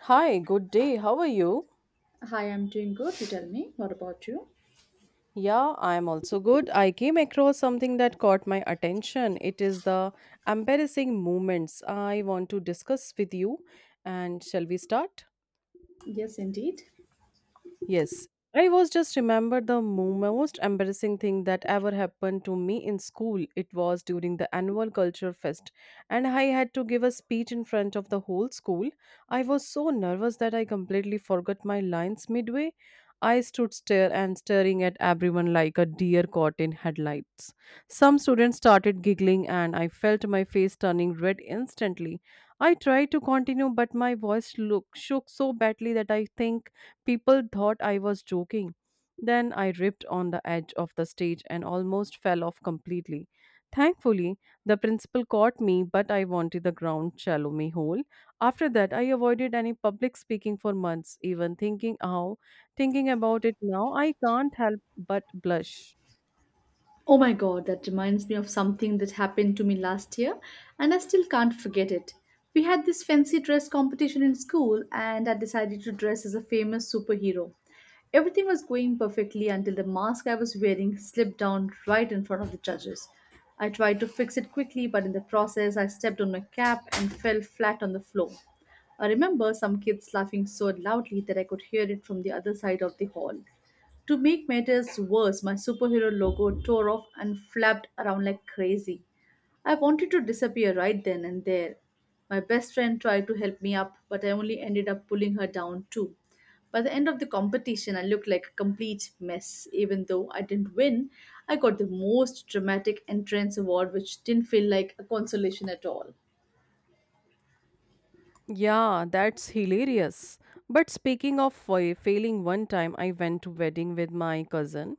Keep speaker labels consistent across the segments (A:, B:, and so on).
A: Hi, good day. How are you?
B: Hi, I'm doing good. You tell me, what about you?
A: Yeah, I'm also good. I came across something that caught my attention. It is the embarrassing moments I want to discuss with you. And shall we start?
B: Yes, indeed.
A: Yes. I was just remember the most embarrassing thing that ever happened to me in school. It was during the annual culture fest and I had to give a speech in front of the whole school. I was so nervous that I completely forgot my lines midway. I stood stare and staring at everyone like a deer caught in headlights. Some students started giggling and I felt my face turning red instantly. I tried to continue but my voice shook so badly that I think people thought I was joking. Then I tripped on the edge of the stage and almost fell off completely. Thankfully, the principal caught me, but I wanted the ground shallow me hole. After that, I avoided any public speaking for months, even thinking how thinking about it now, I can't help but blush.
B: Oh my god, that reminds me of something that happened to me last year, and I still can't forget it. We had this fancy dress competition in school, and I decided to dress as a famous superhero. Everything was going perfectly until the mask I was wearing slipped down right in front of the judges. I tried to fix it quickly, but in the process, I stepped on my cap and fell flat on the floor. I remember some kids laughing so loudly that I could hear it from the other side of the hall. To make matters worse, my superhero logo tore off and flapped around like crazy. I wanted to disappear right then and there. My best friend tried to help me up, but I only ended up pulling her down too. By the end of the competition, I looked like a complete mess. Even though I didn't win, I got the most dramatic entrance award, which didn't feel like a consolation at all.
A: Yeah, that's hilarious. But speaking of failing one time, I went to wedding with my cousin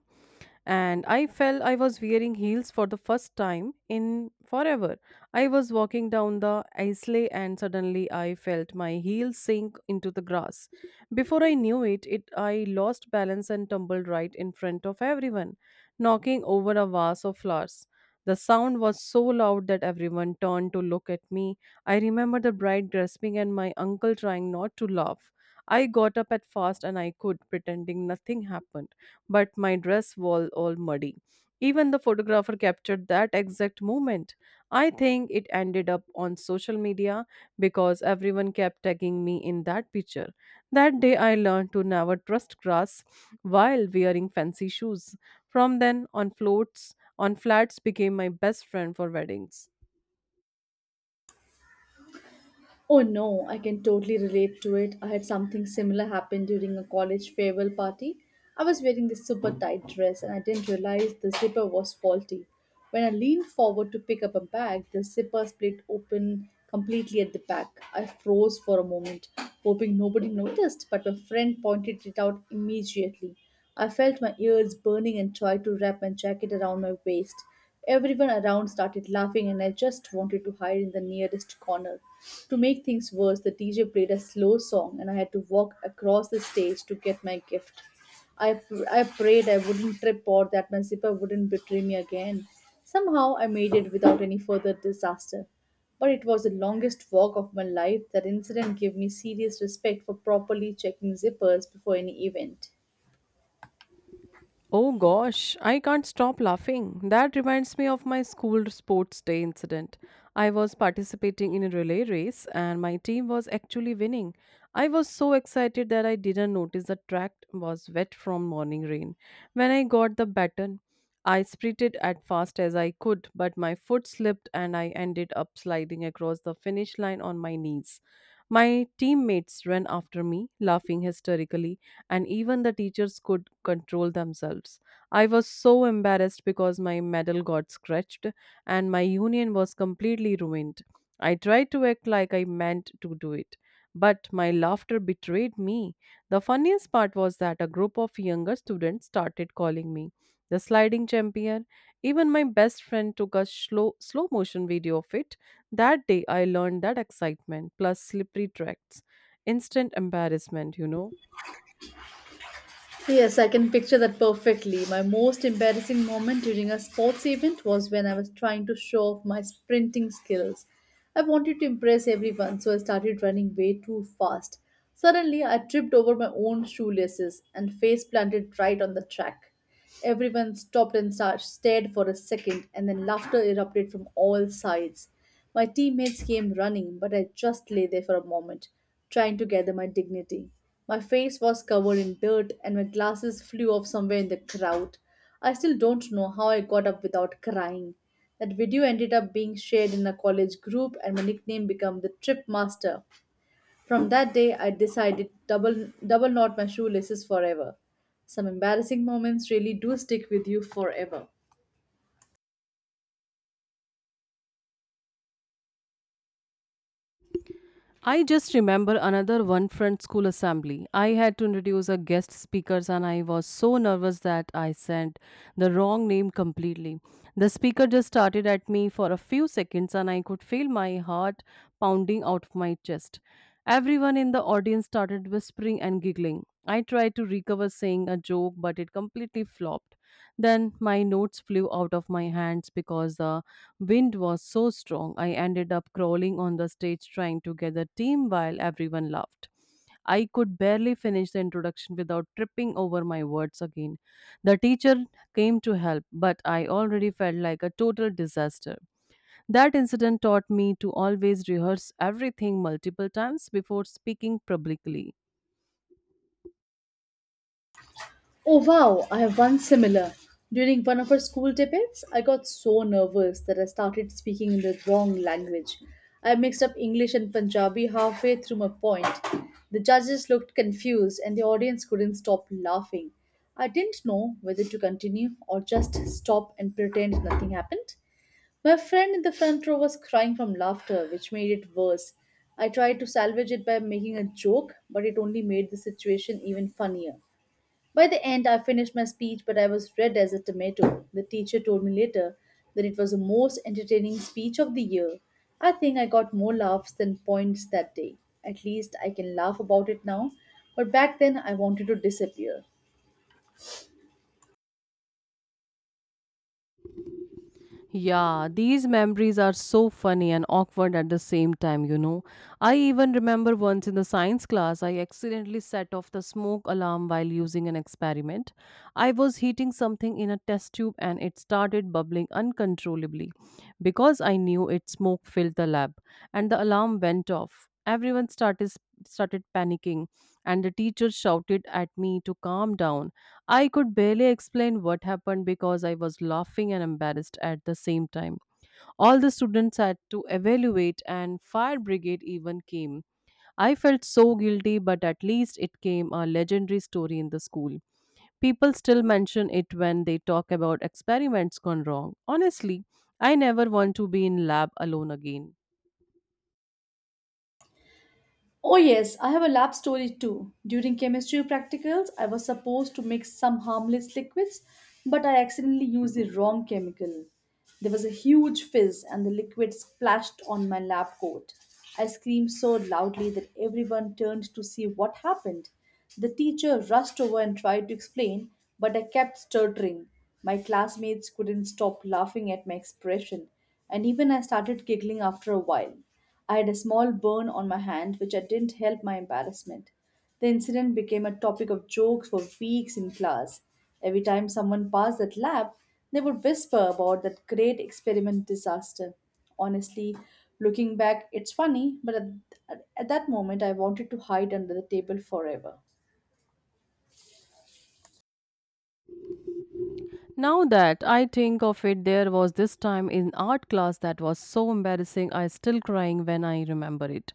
A: and I was wearing heels for the first time in forever. I was walking down the aisle and suddenly I felt my heel sink into the grass. Before I knew it, I lost balance and tumbled right in front of everyone, knocking over a vase of flowers. The sound was so loud that everyone turned to look at me. I remember the bride grasping and my uncle trying not to laugh. I got up at fast and I could, pretending nothing happened, but my dress was all muddy. Even the photographer captured that exact moment. I think it ended up on social media because everyone kept tagging me in that picture. That day I learned to never trust grass while wearing fancy shoes. From then on, floats on flats became my best friend for weddings.
B: Oh no, I can totally relate to it. I had something similar happen during a college farewell party. I was wearing this super tight dress and I didn't realize the zipper was faulty. When I leaned forward to pick up a bag, the zipper split open completely at the back. I froze for a moment, hoping nobody noticed, but my friend pointed it out immediately. I felt my ears burning and tried to wrap my jacket around my waist. Everyone around started laughing, and I just wanted to hide in the nearest corner. To make things worse, the DJ played a slow song, and I had to walk across the stage to get my gift. I prayed I wouldn't trip or that my zipper wouldn't betray me again. Somehow I made it without any further disaster. But it was the longest walk of my life. That incident gave me serious respect for properly checking zippers before any event.
A: Oh gosh, I can't stop laughing. That reminds me of my school sports day incident. I was participating in a relay race and my team was actually winning. I was so excited that I didn't notice the track was wet from morning rain. When I got the baton, I sprinted as fast as I could, but my foot slipped and I ended up sliding across the finish line on my knees. My teammates ran after me, laughing hysterically and even the teachers could control themselves. I was so embarrassed because my medal got scratched and my union was completely ruined. I tried to act like I meant to do it, but my laughter betrayed me. The funniest part was that a group of younger students started calling me the sliding champion. Even my best friend took a slow motion video of it. That day I learned that excitement plus slippery tracks instant embarrassment, you know.
B: Yes, I can picture that perfectly. My most embarrassing moment during a sports event was when I was trying to show off my sprinting skills. I wanted to impress everyone, so I started running way too fast. Suddenly, I tripped over my own shoelaces and face planted right on the track. Everyone stopped and stared for a second, and then laughter erupted from all sides. My teammates came running, but I just lay there for a moment, trying to gather my dignity. My face was covered in dirt, and my glasses flew off somewhere in the crowd. I still don't know how I got up without crying. That video ended up being shared in a college group, and my nickname became the Trip Master from that day, I decided double knot my shoelaces forever. Some embarrassing moments really do stick with you forever.
A: I just remember another one front school assembly. I had to introduce a guest speakers and I was so nervous that I sent the wrong name completely. The speaker just started at me for a few seconds and I could feel my heart pounding out of my chest. Everyone in the audience started whispering and giggling. I tried to recover saying a joke but it completely flopped. Then my notes flew out of my hands because the wind was so strong, I ended up crawling on the stage trying to gather steam while everyone laughed. I could barely finish the introduction without tripping over my words again. The teacher came to help, but I already felt like a total disaster. That incident taught me to always rehearse everything multiple times before speaking publicly.
B: Oh wow, I have one similar. During one of our school debates, I got so nervous that I started speaking in the wrong language. I mixed up English and Punjabi halfway through my point. The judges looked confused and the audience couldn't stop laughing. I didn't know whether to continue or just stop and pretend nothing happened. My friend in the front row was crying from laughter, which made it worse. I tried to salvage it by making a joke, but it only made the situation even funnier. By the end, I finished my speech, but I was red as a tomato. The teacher told me later that it was the most entertaining speech of the year. I think I got more laughs than points that day. At least I can laugh about it now, but back then I wanted to disappear.
A: Yeah, these memories are so funny and awkward at the same time, you know. I even remember once in the science class, I accidentally set off the smoke alarm while using an experiment. I was heating something in a test tube and it started bubbling uncontrollably. Because I knew it, smoke filled the lab and the alarm went off. Everyone started panicking and the teacher shouted at me to calm down. I could barely explain what happened because I was laughing and embarrassed at the same time. All the students had to evaluate, and fire brigade even came. I felt so guilty, but at least it came a legendary story in the school. People still mention it when they talk about experiments gone wrong. Honestly, I never want to be in lab alone again.
B: Oh, yes, I have a lab story too. During chemistry practicals, I was supposed to mix some harmless liquids, but I accidentally used the wrong chemical. There was a huge fizz, and the liquid splashed on my lab coat. I screamed so loudly that everyone turned to see what happened. The teacher rushed over and tried to explain, but I kept stuttering. My classmates couldn't stop laughing at my expression and even I started giggling after a while. I had a small burn on my hand, which I didn't help my embarrassment. The incident became a topic of jokes for weeks in class. Every time someone passed that lab, they would whisper about that great experiment disaster. Honestly, looking back, it's funny, but at that moment I wanted to hide under the table forever.
A: Now that I think of it, there was this time in art class that was so embarrassing, I still crying when I remember it.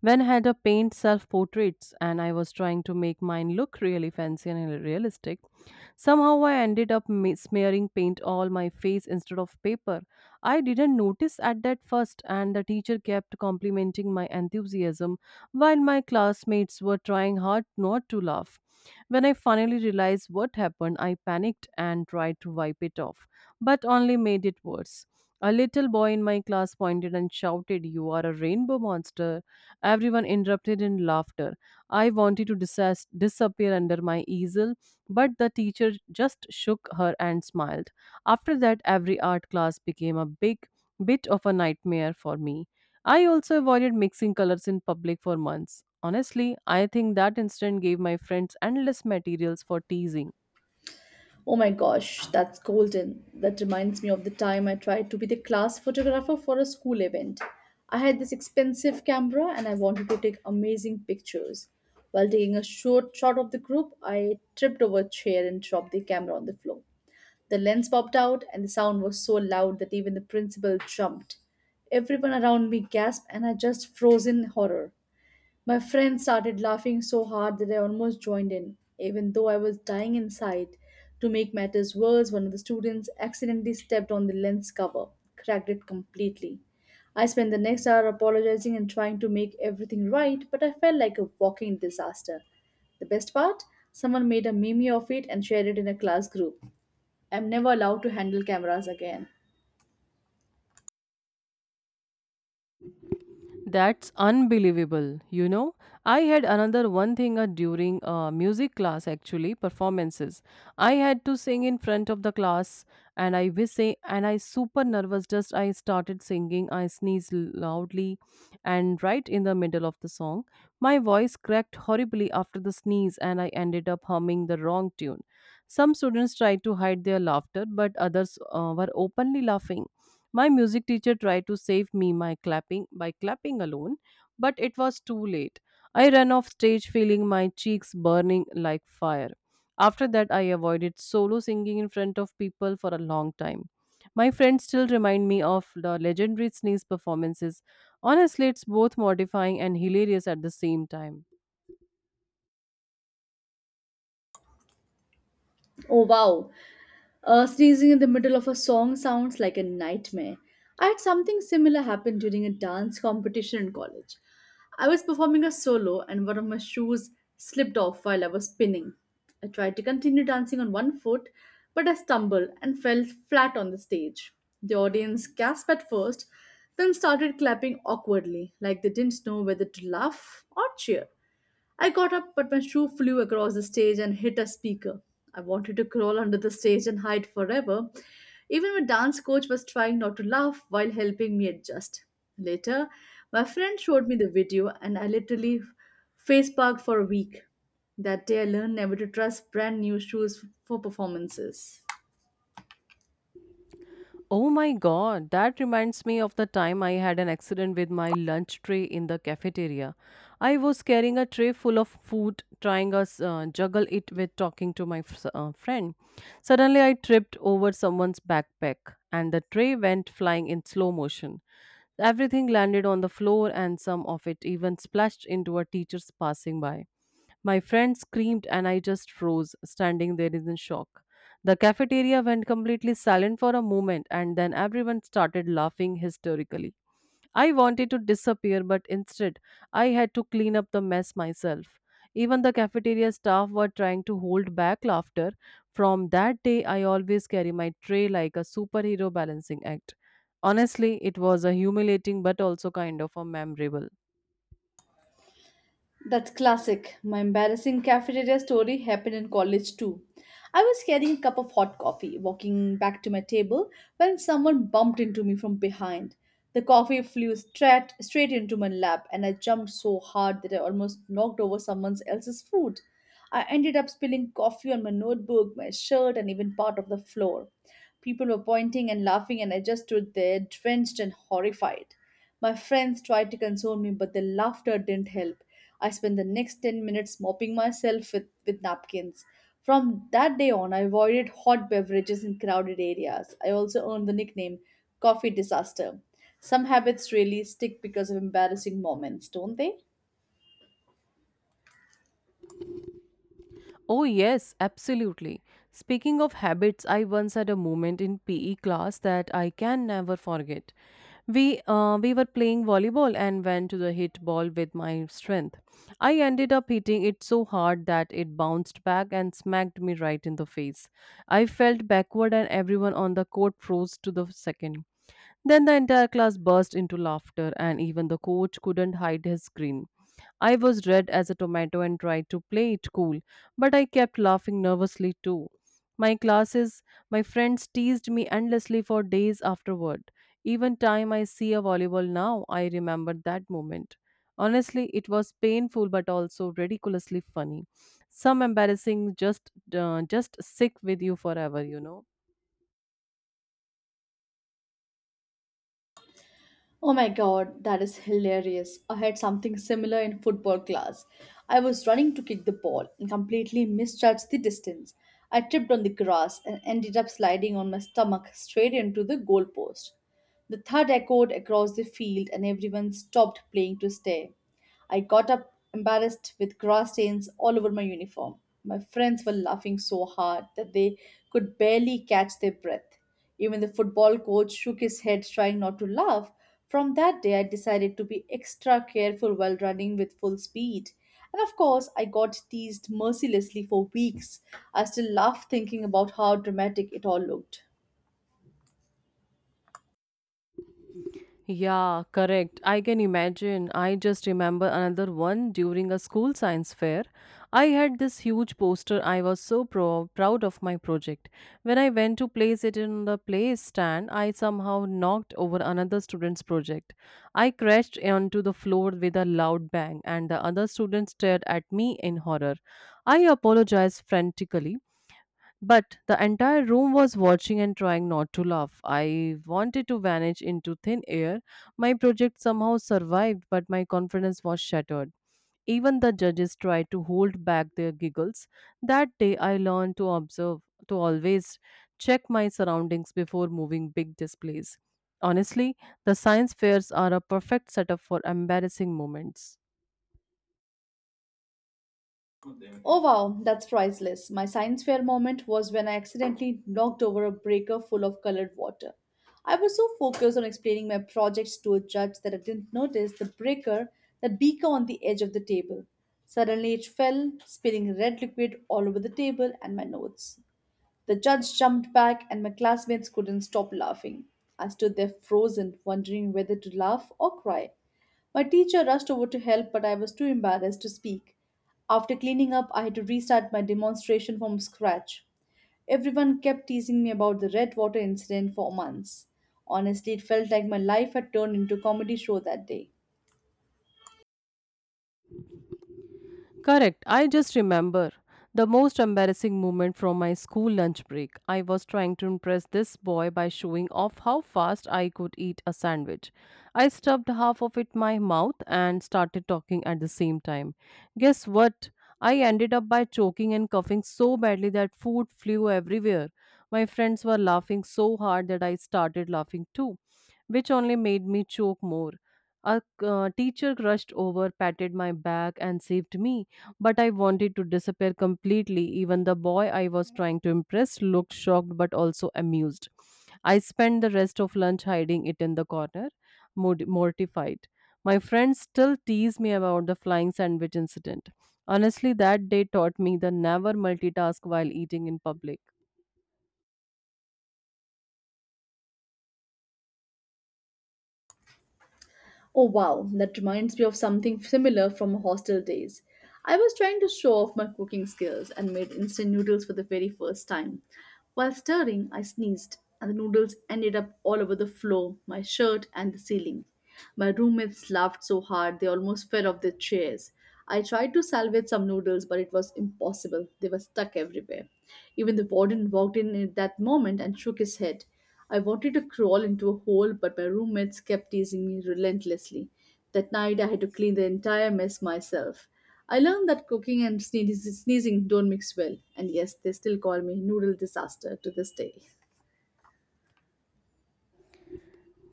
A: When I had a paint self portraits and I was trying to make mine look really fancy and realistic, somehow I ended up smearing paint all my face instead of paper. I didn't notice at that first, and the teacher kept complimenting my enthusiasm while my classmates were trying hard not to laugh. When I finally realized what happened, I panicked and tried to wipe it off, but only made it worse. A little boy in my class pointed and shouted, "You are a rainbow monster." Everyone interrupted in laughter. I wanted to disappear under my easel, but the teacher just shook her and smiled. After that, every art class became a big bit of a nightmare for me. I also avoided mixing colors in public for months. Honestly, I think that incident gave my friends endless materials for teasing.
B: Oh my gosh, that's golden. That reminds me of the time I tried to be the class photographer for a school event. I had this expensive camera and I wanted to take amazing pictures. While taking a short shot of the group, I tripped over a chair and dropped the camera on the floor. The lens popped out and the sound was so loud that even the principal jumped. Everyone around me gasped and I just froze in horror. My friends started laughing so hard that I almost joined in, even though I was dying inside. To make matters worse, one of the students accidentally stepped on the lens cover, cracked it completely. I spent the next hour apologizing and trying to make everything right, but I felt like a walking disaster. The best part? Someone made a meme of it and shared it in a class group. I'm never allowed to handle cameras again.
A: That's unbelievable. You know, I had another one thing during music class actually performances. I had to sing in front of the class, and I super nervous. Just I started singing, I sneezed loudly, and right in the middle of the song, my voice cracked horribly after the sneeze, and I ended up humming the wrong tune. Some students tried to hide their laughter, but others were openly laughing. My music teacher tried to save me my clapping alone, but it was too late. I ran off stage feeling my cheeks burning like fire. After that, I avoided solo singing in front of people for a long time. My friends still remind me of the legendary sneeze performances. Honestly, it's both mortifying and hilarious at the same time.
B: Oh wow, sneezing in the middle of a song sounds like a nightmare. I had something similar happen during a dance competition in college. I was performing a solo and one of my shoes slipped off while I was spinning. I tried to continue dancing on one foot, but I stumbled and fell flat on the stage. The audience gasped at first, then started clapping awkwardly, like they didn't know whether to laugh or cheer. I got up, but my shoe flew across the stage and hit a speaker. I wanted to crawl under the stage and hide forever. Even my dance coach was trying not to laugh while helping me adjust. Later, my friend showed me the video and I literally faceparked for a week. That day, I learned never to trust brand new shoes for performances.
A: Oh my god, that reminds me of the time I had an accident with my lunch tray in the cafeteria. I was carrying a tray full of food, trying to juggle it with talking to my friend. Suddenly, I tripped over someone's backpack, and the tray went flying in slow motion. Everything landed on the floor, and some of it even splashed into a teacher's passing by. My friend screamed and I just froze, standing there in shock. The cafeteria went completely silent for a moment and then everyone started laughing hysterically. I wanted to disappear, but instead, I had to clean up the mess myself. Even the cafeteria staff were trying to hold back laughter. From that day, I always carry my tray like a superhero balancing act. Honestly, it was a humiliating but also kind of a memorable.
B: That's classic. My embarrassing cafeteria story happened in college too. I was carrying a cup of hot coffee, walking back to my table, when someone bumped into me from behind. The coffee flew straight into my lap, and I jumped so hard that I almost knocked over someone else's food. I ended up spilling coffee on my notebook, my shirt, and even part of the floor. People were pointing and laughing, and I just stood there, drenched and horrified. My friends tried to console me, but their laughter didn't help. I spent the next 10 minutes mopping myself with napkins. From that day on, I avoided hot beverages in crowded areas. I also earned the nickname Coffee Disaster. Some habits really stick because of embarrassing moments, don't they?
A: Oh, yes, absolutely. Speaking of habits, I once had a moment in PE class that I can never forget. We were playing volleyball and went to the hit ball with my strength. I ended up hitting it so hard that it bounced back and smacked me right in the face. I felt backward, and everyone on the court froze to the second. Then the entire class burst into laughter, and even the coach couldn't hide his grin. I was red as a tomato and tried to play it cool, but I kept laughing nervously too. My classes, my friends teased me endlessly for days afterward. Even time I see a volleyball now, I remember that moment. Honestly, it was painful but also ridiculously funny some embarrassing just sick with you forever, you know.
B: Oh my god, that is hilarious. I had something similar in football class. I was running to kick the ball and completely misjudged the distance. I tripped on the grass and ended up sliding on my stomach straight into the goalpost. The thud echoed across the field and everyone stopped playing to stare. I got up embarrassed with grass stains all over my uniform. My friends were laughing so hard that they could barely catch their breath. Even the football coach shook his head, trying not to laugh. From that day, I decided to be extra careful while running with full speed. And of course, I got teased mercilessly for weeks. I still laugh thinking about how dramatic it all looked.
A: Yeah, correct. I can imagine. I just remember another one during a school science fair. I had this huge poster. I was so proud of my project. When I went to place it in the place stand, I somehow knocked over another student's project. I crashed onto the floor with a loud bang, and the other student stared at me in horror. I apologized frantically but the entire room was watching and trying not to laugh. I wanted to vanish into thin air. My project somehow survived, but my confidence was shattered. Even the judges tried to hold back their giggles. That day, I learned to observe, to always check my surroundings before moving big displays. Honestly, the science fairs are a perfect setup for embarrassing moments.
B: Oh wow, that's priceless. My science fair moment was when I accidentally knocked over a breaker full of colored water. I was so focused on explaining my projects to a judge that I didn't notice the beaker on the edge of the table. Suddenly it fell, spilling red liquid all over the table and my notes. The judge jumped back and my classmates couldn't stop laughing. I stood there frozen, wondering whether to laugh or cry. My teacher rushed over to help, but I was too embarrassed to speak. After cleaning up, I had to restart my demonstration from scratch. Everyone kept teasing me about the red water incident for months. Honestly, it felt like my life had turned into a comedy show that day.
A: Correct. I just remember the most embarrassing moment from my school lunch break. I was trying to impress this boy by showing off how fast I could eat a sandwich. I stuffed half of it in my mouth and started talking at the same time. Guess what? I ended up by choking and coughing so badly that food flew everywhere. My friends were laughing so hard that I started laughing too, which only made me choke more. A teacher rushed over, patted my back, and saved me, but I wanted to disappear completely. Even the boy I was trying to impress looked shocked but also amused. I spent the rest of lunch hiding it in the corner, mortified. My friends still tease me about the flying sandwich incident. Honestly, that day taught me the never multitask while eating in public.
B: Oh wow, that reminds me of something similar from hostel days. I was trying to show off my cooking skills and made instant noodles for the very first time. While stirring, I sneezed, and the noodles ended up all over the floor, my shirt, and the ceiling. My roommates laughed so hard they almost fell off their chairs. I tried to salvage some noodles, but it was impossible. They were stuck everywhere. Even the warden walked in at that moment and shook his head. I wanted to crawl into a hole, but my roommates kept teasing me relentlessly. That night, I had to clean the entire mess myself. I learned that cooking and sneezing don't mix well, and yes, they still call me noodle disaster to this day.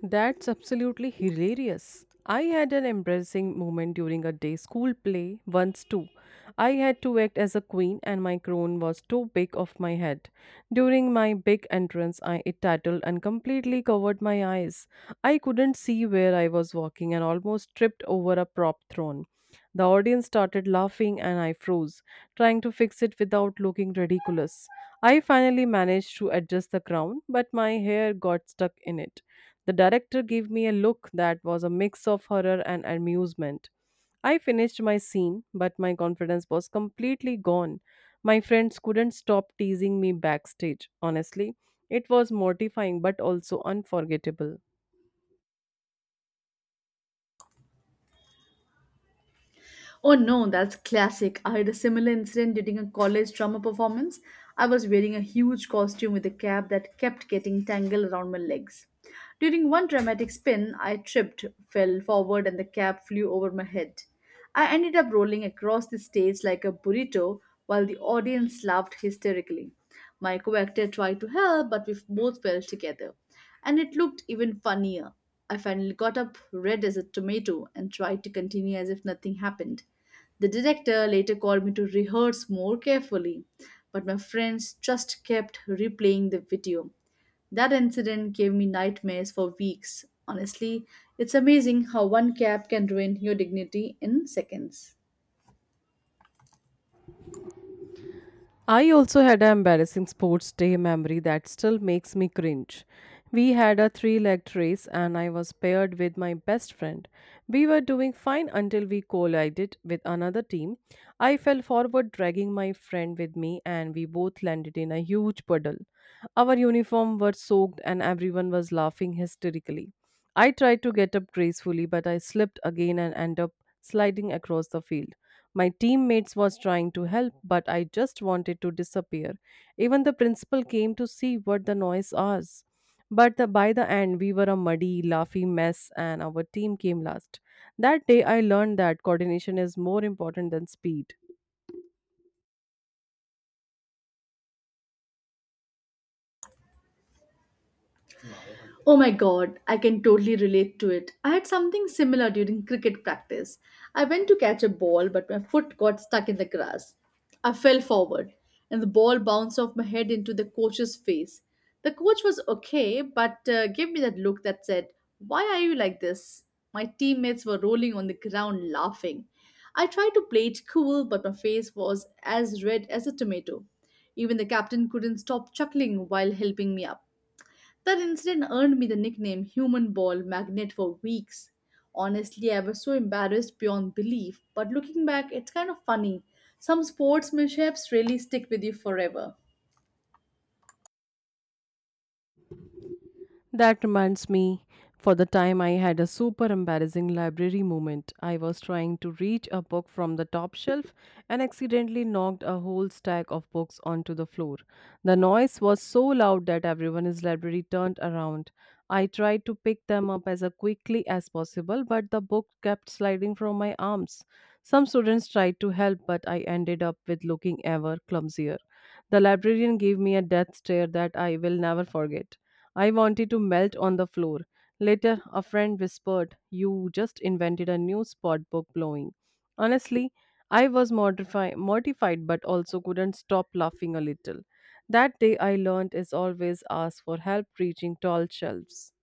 A: That's absolutely hilarious. I had an embarrassing moment during a day school play once too. I had to act as a queen and my crown was too big off my head. During my big entrance, I it tattled and completely covered my eyes. I couldn't see where I was walking and almost tripped over a prop throne. The audience started laughing and I froze, trying to fix it without looking ridiculous. I finally managed to adjust the crown, but my hair got stuck in it. The director gave me a look that was a mix of horror and amusement. I finished my scene, but my confidence was completely gone. My friends couldn't stop teasing me backstage. Honestly, it was mortifying but also unforgettable.
B: Oh no, that's classic. I had a similar incident during a college drama performance. I was wearing a huge costume with a cap that kept getting tangled around my legs. During one dramatic spin, I tripped, fell forward, and the cap flew over my head. I ended up rolling across the stage like a burrito while the audience laughed hysterically. My co actor tried to help, but we both fell together and it looked even funnier. I finally got up, red as a tomato, and tried to continue as if nothing happened. The director later called me to rehearse more carefully, but my friends just kept replaying the video. That incident gave me nightmares for weeks. Honestly, it's amazing how one cap can ruin your dignity in seconds.
A: I also had an embarrassing sports day memory that still makes me cringe. We had a three legged race and I was paired with my best friend. We were doing fine until we collided with another team. I fell forward, dragging my friend with me, and we both landed in a huge puddle. Our uniform were soaked and everyone was laughing hysterically. I tried to get up gracefully, but I slipped again and ended up sliding across the field. My teammates was trying to help, but I just wanted to disappear. Even the principal came to see what the noise was. By the end, we were a muddy, laughy mess, and our team came last. That day, I learned that coordination is more important than speed.
B: Oh my God, I can totally relate to it. I had something similar during cricket practice. I went to catch a ball, but my foot got stuck in the grass. I fell forward, and the ball bounced off my head into the coach's face. The coach was okay, but gave me that look that said, why are you like this? My teammates were rolling on the ground laughing. I tried to play it cool, but my face was as red as a tomato. Even the captain couldn't stop chuckling while helping me up. That incident earned me the nickname Human Ball Magnet for weeks. Honestly, I was so embarrassed beyond belief, but looking back, it's kind of funny. Some sportsmanships really stick with you forever.
A: That reminds me for the time I had a super embarrassing library moment. I was trying to reach a book from the top shelf and accidentally knocked a whole stack of books onto the floor. The noise was so loud that everyone in the library turned around. I tried to pick them up as quickly as possible, but the book kept sliding from my arms. Some students tried to help, but I ended up with looking ever clumsier. The librarian gave me a death stare that I will never forget. I wanted to melt on the floor. Later, a friend whispered, You just invented a new spot book blowing. Honestly, I was mortified but also couldn't stop laughing a little. That day, I learned is always ask for help reaching tall shelves.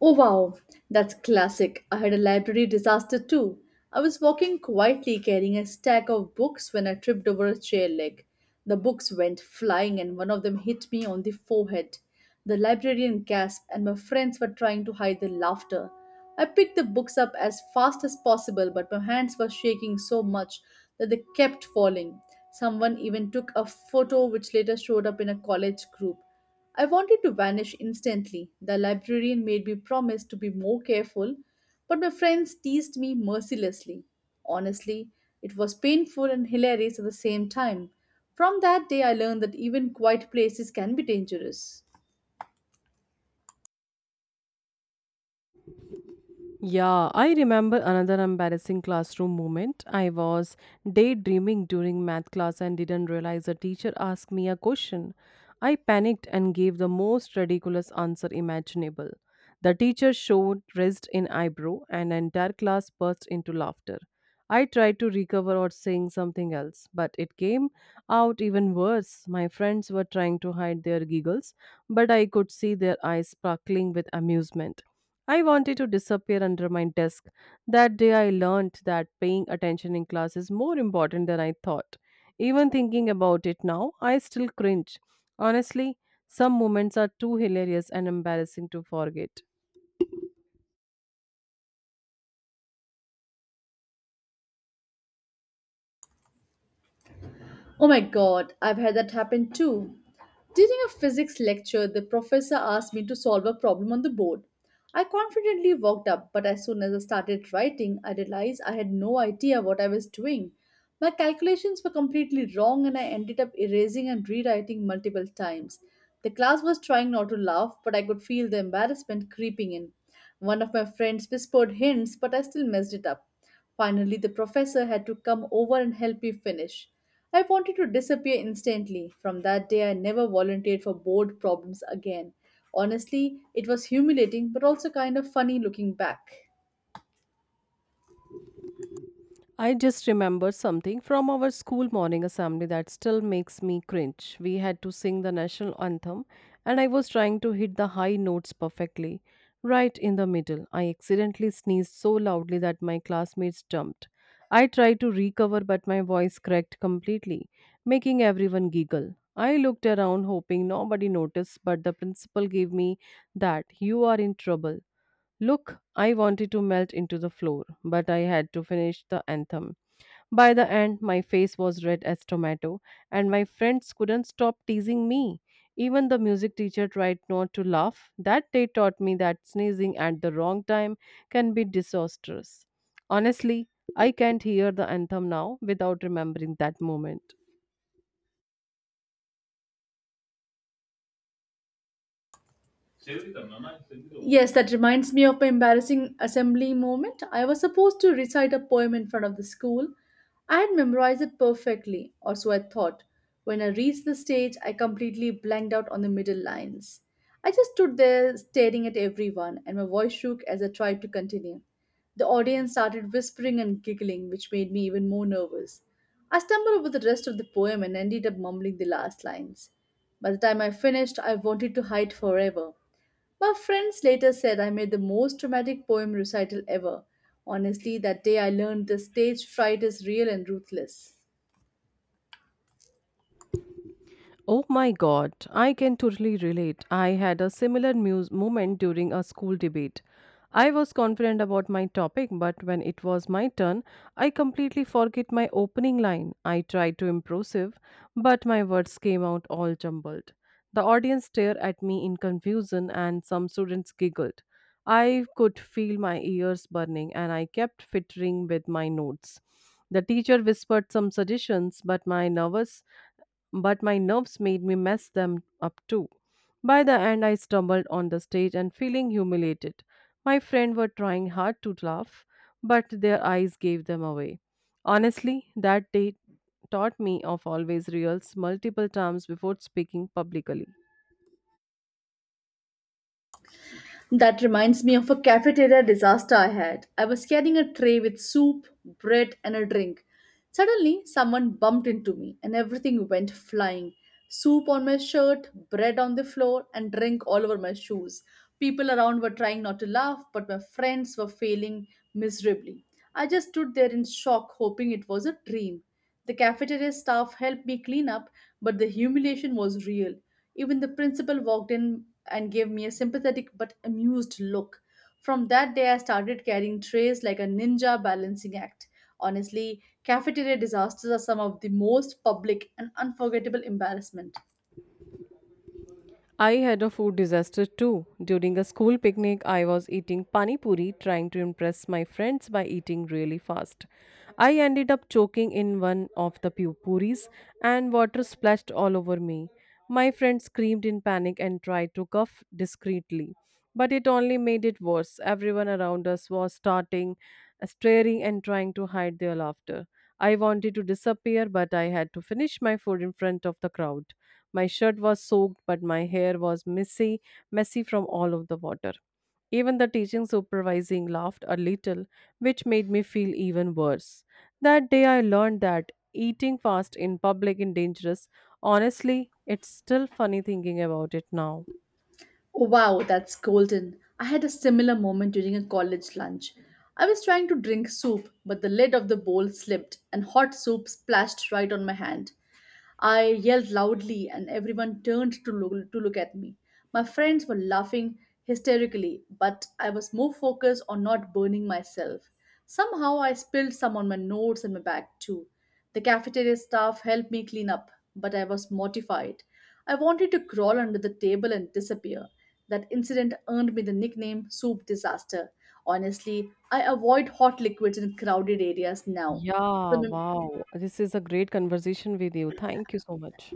B: Oh wow, that's classic. I had a library disaster too. I was walking quietly carrying a stack of books when I tripped over a chair leg. The books went flying and one of them hit me on the forehead. The librarian gasped and my friends were trying to hide their laughter. I picked the books up as fast as possible, but my hands were shaking so much that they kept falling. Someone even took a photo which later showed up in a college group. I wanted to vanish instantly. The librarian made me promise to be more careful, but my friends teased me mercilessly. Honestly, it was painful and hilarious at the same time. From that day, I learned that even quiet places can be dangerous.
A: Yeah, I remember another embarrassing classroom moment. I was daydreaming during math class and didn't realize the teacher asked me a question. I panicked and gave the most ridiculous answer imaginable. The teacher showed raised an eyebrow, and the entire class burst into laughter. I tried to recover or saying something else, but it came out even worse. My friends were trying to hide their giggles, but I could see their eyes sparkling with amusement. I wanted to disappear under my desk. That day I learned that paying attention in class is more important than I thought. Even thinking about it now, I still cringe. Honestly, some moments are too hilarious and embarrassing to forget.
B: Oh my God, I've had that happen too. During a physics lecture, the professor asked me to solve a problem on the board. I confidently walked up, but as soon as I started writing, I realized I had no idea what I was doing. My calculations were completely wrong, and I ended up erasing and rewriting multiple times. The class was trying not to laugh, but I could feel the embarrassment creeping in. One of my friends whispered hints, but I still messed it up. Finally, the professor had to come over and help me finish. I wanted to disappear instantly. From that day, I never volunteered for board problems again. Honestly, it was humiliating but also kind of funny looking back.
A: I just remember something from our school morning assembly that still makes me cringe. We had to sing the national anthem, and I was trying to hit the high notes perfectly. Right in the middle, I accidentally sneezed so loudly that my classmates jumped. I tried to recover, but my voice cracked completely, making everyone giggle. I looked around hoping nobody noticed, but the principal gave me that you are in trouble. Look, I wanted to melt into the floor, but I had to finish the anthem. By the end, my face was red as tomato, and my friends couldn't stop teasing me. Even the music teacher tried not to laugh. That day taught me that sneezing at the wrong time can be disastrous. Honestly, I can't hear the anthem now without remembering that moment.
B: Yes, that reminds me of my embarrassing assembly moment. I was supposed to recite a poem in front of the school. I had memorized it perfectly, or so I thought. When I reached the stage, I completely blanked out on the middle lines. I just stood there staring at everyone, and my voice shook as I tried to continue. The audience started whispering and giggling, which made me even more nervous. I stumbled over the rest of the poem and ended up mumbling the last lines. By the time I finished, I wanted to hide forever. My friends later said I made the most dramatic poem recital ever. Honestly, that day I learned that stage fright is real and ruthless.
A: Oh my God, I can totally relate. I had a similar muse moment during a school debate. I was confident about my topic, but when it was my turn, I completely forget my opening line. I tried to impressive, but my words came out all jumbled. The audience stared at me in confusion, and some students giggled. I could feel my ears burning, and I kept fiddling with my notes. The teacher whispered some suggestions, but my nerves made me mess them up too. By the end, I stumbled on the stage and feeling humiliated. My friends were trying hard to laugh, but their eyes gave them away. Honestly, that day taught me of always rehearse multiple times before speaking publicly.
B: That reminds me of a cafeteria disaster I had. I was carrying a tray with soup, bread, and a drink. Suddenly, someone bumped into me and everything went flying. Soup on my shirt, bread on the floor, and drink all over my shoes. People around were trying not to laugh, but my friends were failing miserably. I just stood there in shock, hoping it was a dream. The cafeteria staff helped me clean up, but the humiliation was real. Even the principal walked in and gave me a sympathetic but amused look. From that day, I started carrying trays like a ninja balancing act. Honestly, cafeteria disasters are some of the most public and unforgettable embarrassment.
A: I had a food disaster too. During a school picnic, I was eating pani puri trying to impress my friends by eating really fast. I ended up choking in one of the puris and water splashed all over me. My friend screamed in panic and tried to cough discreetly, but it only made it worse. Everyone around us was staring, and trying to hide their laughter. I wanted to disappear, but I had to finish my food in front of the crowd. My shirt was soaked, but my hair was messy from all of the water. Even the teaching supervising laughed a little, which made me feel even worse. That day I learned that eating fast in public is dangerous. Honestly, it's still funny thinking about it now.
B: Wow, that's golden. I had a similar moment during a college lunch. I was trying to drink soup, but the lid of the bowl slipped and hot soup splashed right on my hand. I yelled loudly, and everyone turned to look at me. My friends were laughing hysterically, but I was more focused on not burning myself. Somehow, I spilled some on my notes and my bag too. The cafeteria staff helped me clean up, but I was mortified. I wanted to crawl under the table and disappear. That incident earned me the nickname Soup Disaster. Honestly, I avoid hot liquids in crowded areas now.
A: Yeah,
B: So,
A: wow. This is a great conversation with you. Thank you so much.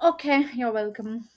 B: okay, you're welcome.